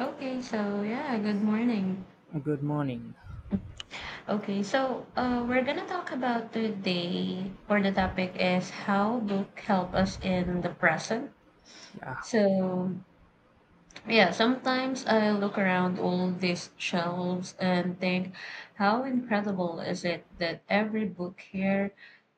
Okay, so yeah, good morning. Good morning. Okay, we're gonna talk about today, or the topic is how book help us in the present. Yeah, So yeah, sometimes I look around all these shelves and think, how incredible is it that every book here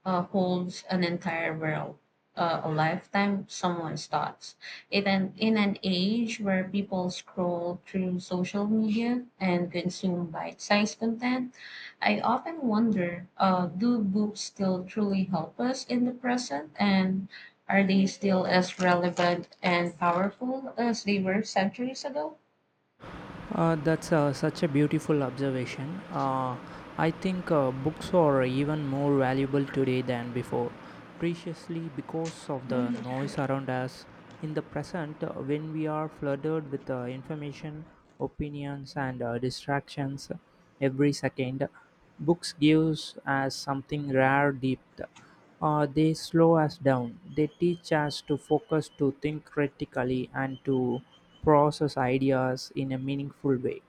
holds an entire world, a lifetime of someone's thoughts. In an age where people scroll through social media and consume bite-sized content, I often wonder, do books still truly help us in the present and are they still as relevant and powerful as they were centuries ago? That's such a beautiful observation. I think books are even more valuable today than before, preciously because of the noise around us. In the present, when we are flooded with information, opinions, and distractions every second, books gives us something rare, deep. They slow us down, they teach us to focus, to think critically, and to process ideas in a meaningful way.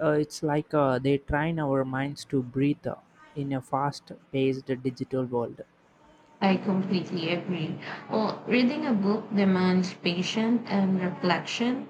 It's like they train our minds to breathe in a fast paced digital world. I completely agree. Well, reading a book demands patience and reflection,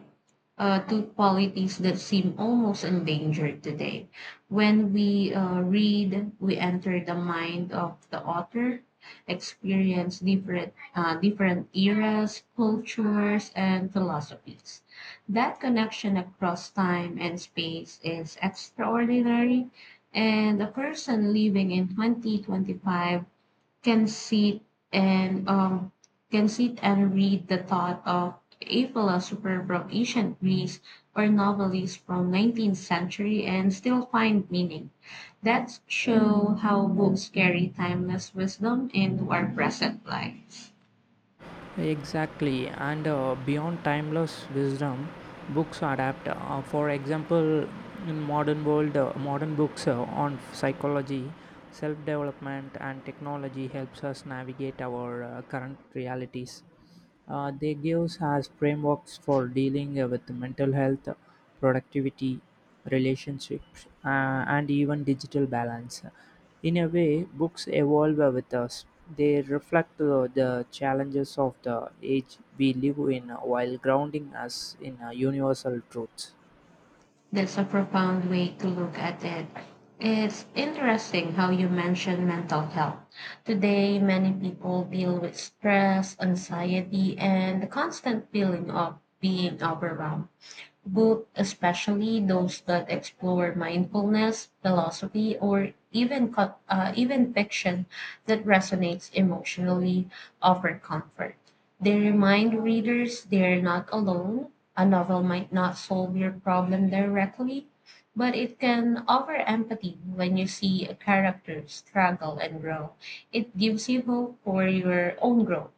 to qualities that seem almost endangered today. When we read, we enter the mind of the author, experience different eras, cultures, and philosophies. That connection across time and space is extraordinary. And a person living in 2025 can sit and um, can sit and read the thought of a philosopher from ancient Greece or novelist from 19th century and still find meaning. That show how books carry timeless wisdom into our present lives. Exactly, and beyond timeless wisdom, books adapt. For example, in modern world, modern books on psychology, self-development, and technology helps us navigate our current realities. They gives us frameworks for dealing with mental health, productivity, relationships, and even digital balance. In a way, books evolve with us. They reflect the challenges of the age we live in while grounding us in universal truths. That's a profound way to look at it. It's interesting how you mention mental health. Today, many people deal with stress, anxiety, and the constant feeling of being overwhelmed books, especially those that explore mindfulness, philosophy, or even fiction that resonates emotionally, offer comfort. They remind readers they're not alone. A novel might not solve your problem directly, but it can offer empathy when you see a character struggle and grow. It gives you hope for your own growth.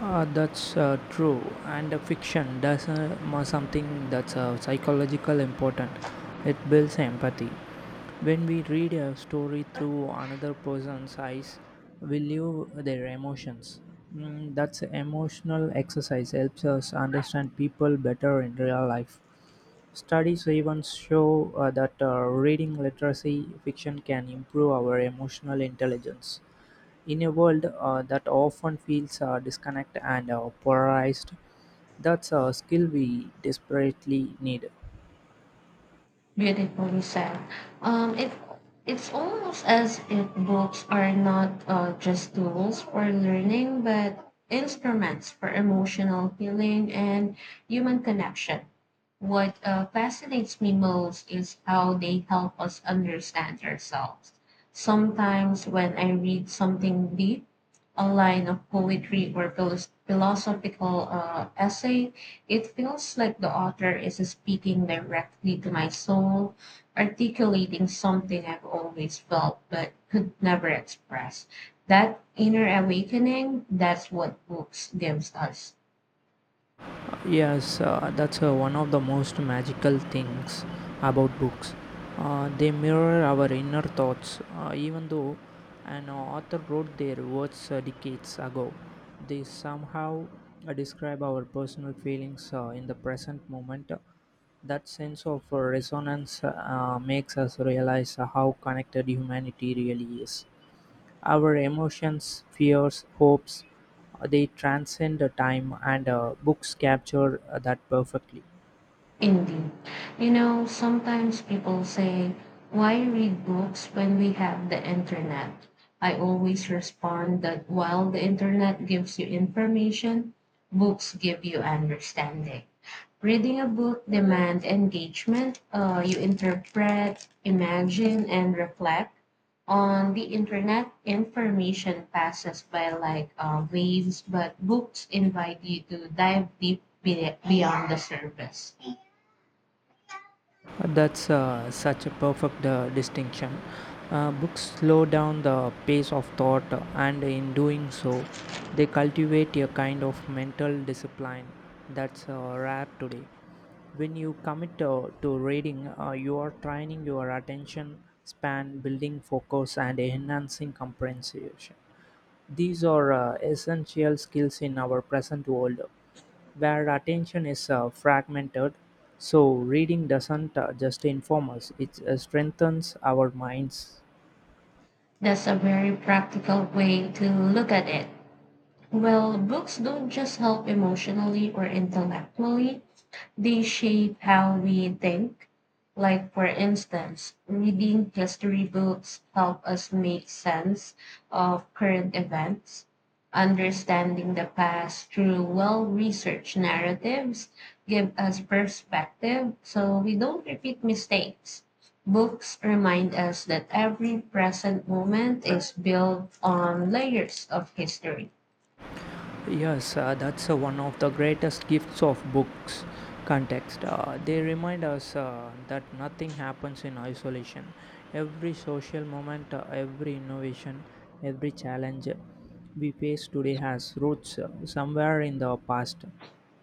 That's true. And fiction does something that's psychological important. It builds empathy. When we read a story through another person's eyes, we live their emotions. That's emotional exercise helps us understand people better in real life. Studies even show that reading literacy fiction can improve our emotional intelligence. In a world that often feels disconnected and polarized, that's a skill we desperately need. Beautifully said. Um, it it's almost as if books are not just tools for learning, but instruments for emotional healing and human connection. What fascinates me most is how they help us understand ourselves. Sometimes, when I read something deep, a line of poetry or philosophical essay, it feels like the author is speaking directly to my soul, articulating something I've always felt but could never express. That inner awakening, that's what books gives us. Yes, that's one of the most magical things about books. They mirror our inner thoughts, even though an author wrote their words decades ago. They somehow describe our personal feelings in the present moment. That sense of resonance makes us realize how connected humanity really is. Our emotions, fears, hopes, they transcend the time and books capture that perfectly. Indeed. You know, sometimes people say, why read books when we have the internet? I always respond that while the internet gives you information, books give you understanding. Reading a book demands engagement. You interpret, imagine, and reflect. On the internet, information passes by like waves, but books invite you to dive deep beyond the surface. That's such a perfect distinction. Books slow down the pace of thought and in doing so, they cultivate a kind of mental discipline that's rare today. When you commit to reading, you are training your attention span, building focus, and enhancing comprehension. These are essential skills in our present world, where attention is fragmented, so reading doesn't just inform us, it strengthens our minds. That's a very practical way to look at it. Well, books don't just help emotionally or intellectually, they shape how we think. Like, for instance, reading history books help us make sense of current events. Understanding the past through well-researched narratives give us perspective so we don't repeat mistakes. Books remind us that every present moment is built on layers of history. Yes, that's one of the greatest gifts of books. Context. They remind us that nothing happens in isolation. Every social moment, every innovation, every challenge we face today has roots somewhere in the past.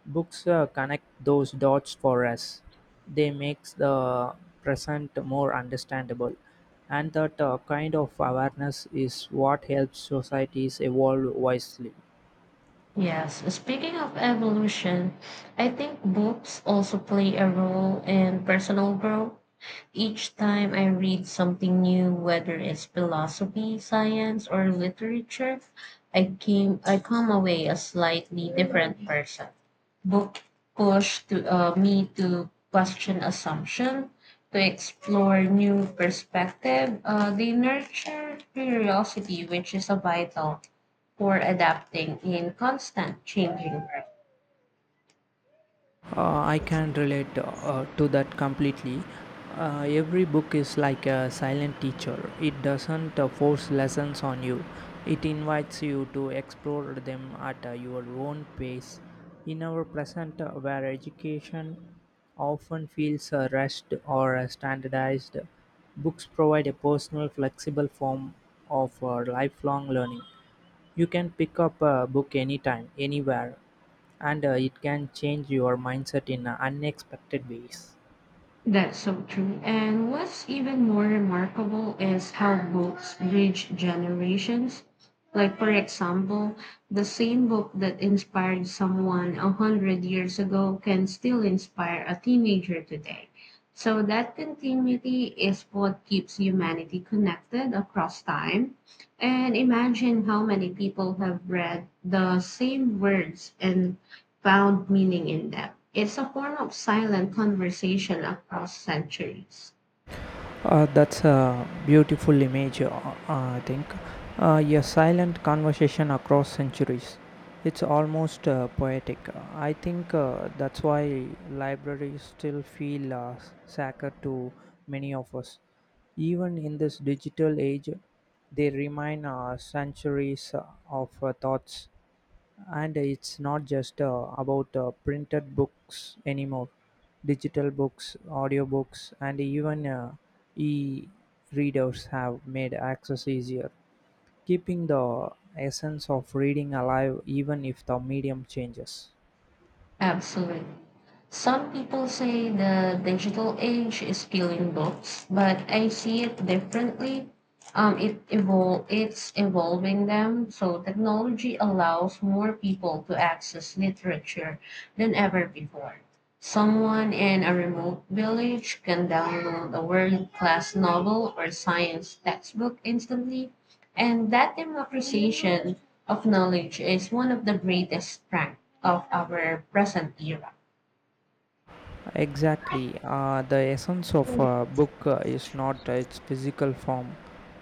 Books connect those dots for us. They make the present more understandable. And that kind of awareness is what helps societies evolve wisely. Yes, speaking of evolution, I think books also play a role in personal growth. Each time I read something new, whether it's philosophy, science, or literature, I come away a slightly different person. Book push to me to question assumption, to explore new perspective. They nurture curiosity, which is a vital for adapting in constant changing world. I can relate to that completely. Every book is like a silent teacher. It doesn't force lessons on you. It invites you to explore them at your own pace. In our present, where education often feels rushed or standardized, books provide a personal, flexible form of lifelong learning. You can pick up a book anytime, anywhere, and it can change your mindset in unexpected ways. That's so true. And what's even more remarkable is how books bridge generations. Like, for example, the same book that inspired someone a hundred years ago can still inspire a teenager today. So, that continuity is what keeps humanity connected across time. And imagine how many people have read the same words and found meaning in them. It's a form of silent conversation across centuries. That's a beautiful image, I think. A silent conversation across centuries. It's almost poetic. I think that's why libraries still feel sacred to many of us. Even in this digital age, they remind centuries of thoughts. And it's not just about printed books anymore. Digital books, audiobooks, and even e readers have made access easier, keeping the essence of reading alive even if the medium changes. Absolutely. Some people say the digital age is killing books, but I see it differently. It's evolving them. So technology allows more people to access literature than ever before. Someone in a remote village can download a world-class novel or science textbook instantly, and that democratization of knowledge is one of the greatest strengths of our present era. Exactly. The essence of a book is not its physical form,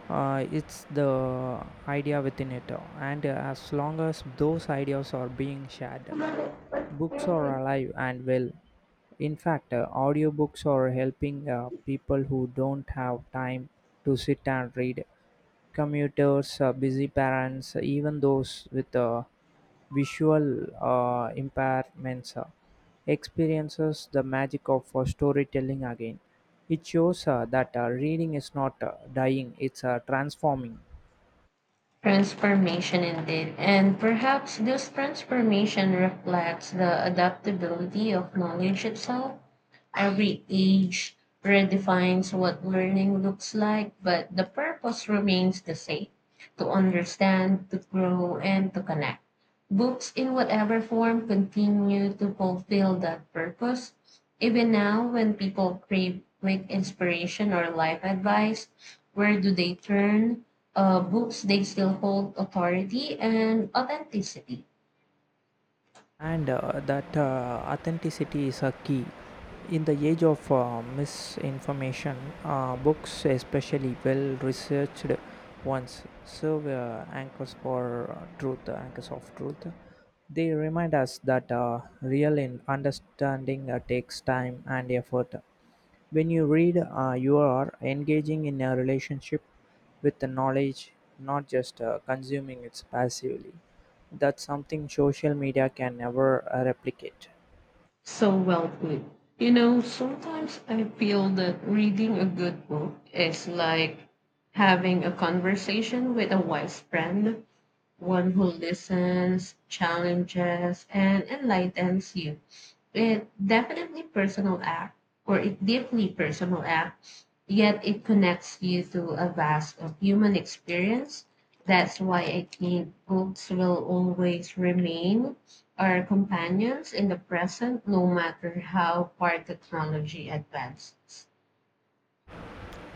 it's the idea within it. And as long as those ideas are being shared, books are alive and well. In fact, audiobooks are helping people who don't have time to sit and read. Commuters, busy parents, even those with visual impairments experiences the magic of storytelling again. It shows that reading is not dying, it's transforming. Transformation indeed. And perhaps this transformation reflects the adaptability of knowledge itself. Every age redefines what learning looks like, but the purpose remains the same to understand, to grow, and to connect. Books, in whatever form, continue to fulfill that purpose. Even now, when people crave quick inspiration or life advice, where do they turn? Books they still hold authority and authenticity. And that authenticity is a key in the age of misinformation, books especially well researched ones serve anchors for truth, anchors of truth. They remind us that real in understanding takes time and effort. When you read, you are engaging in a relationship with the knowledge, not just consuming it passively. That's something social media can never replicate. So well put. You know, sometimes I feel that reading a good book is like having a conversation with a wise friend, one who listens, challenges, and enlightens you. it definitely personal act it deeply personal act yet it connects you to a vast of human experience. That's why I think books will always remain our companions in the present no matter how far technology advances.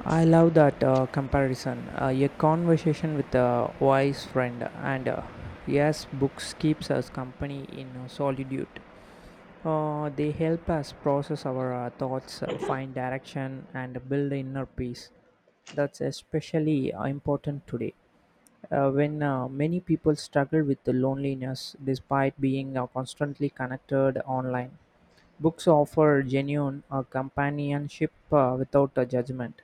I love that comparison. A conversation with a wise friend, and yes, books keeps us company in solitude. They help us process our thoughts, find direction, and build inner peace. That's especially important today when many people struggle with the loneliness despite being constantly connected online. Books offer genuine companionship without a judgment.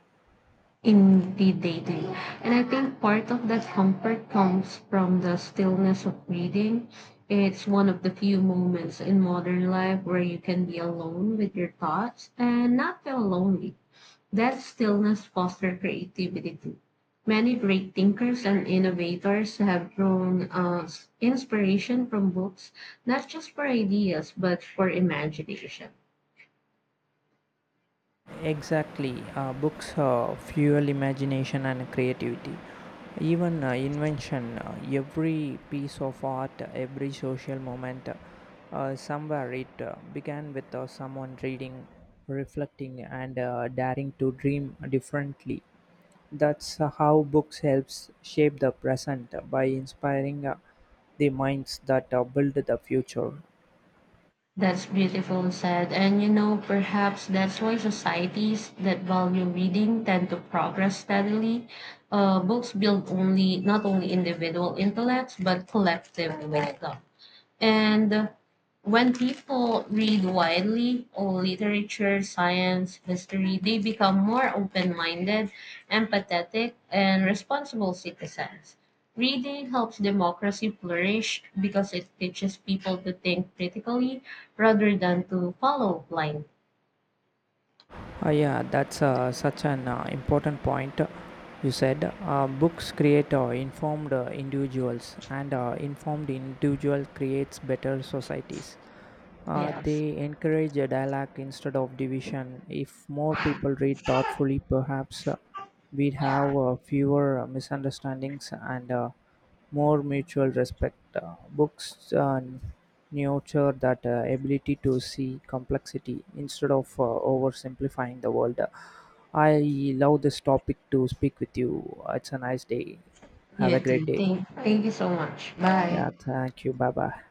Indeed, they do. And I think part of that comfort comes from the stillness of reading. It's one of the few moments in modern life where you can be alone with your thoughts and not feel lonely. That stillness fosters creativity too. Many great thinkers and innovators have drawn inspiration from books, not just for ideas, but for imagination. Exactly, books fuel imagination and creativity. Even invention, every piece of art, every social moment, somewhere it began with someone reading, reflecting, and daring to dream differently. That's how books helps shape the present by inspiring the minds that build the future. That's beautiful said. And you know, perhaps that's why societies that value reading tend to progress steadily. Books build only not only individual intellects but collective wisdom. And when people read widely, all literature, science, history, they become more open minded, empathetic, and responsible citizens. Reading helps democracy flourish because it teaches people to think critically rather than to follow blind. Yeah, that's such an important point. You said books create informed individuals, and informed individual creates better societies. Yes, They encourage a dialogue instead of division. If more people read thoughtfully, perhaps we'd have fewer misunderstandings and more mutual respect. Books nurture that ability to see complexity instead of oversimplifying the world. I love this topic to speak with you. It's a nice day. Have a you great too. day. Thank you so much. Bye. Yeah, thank you. Bye bye.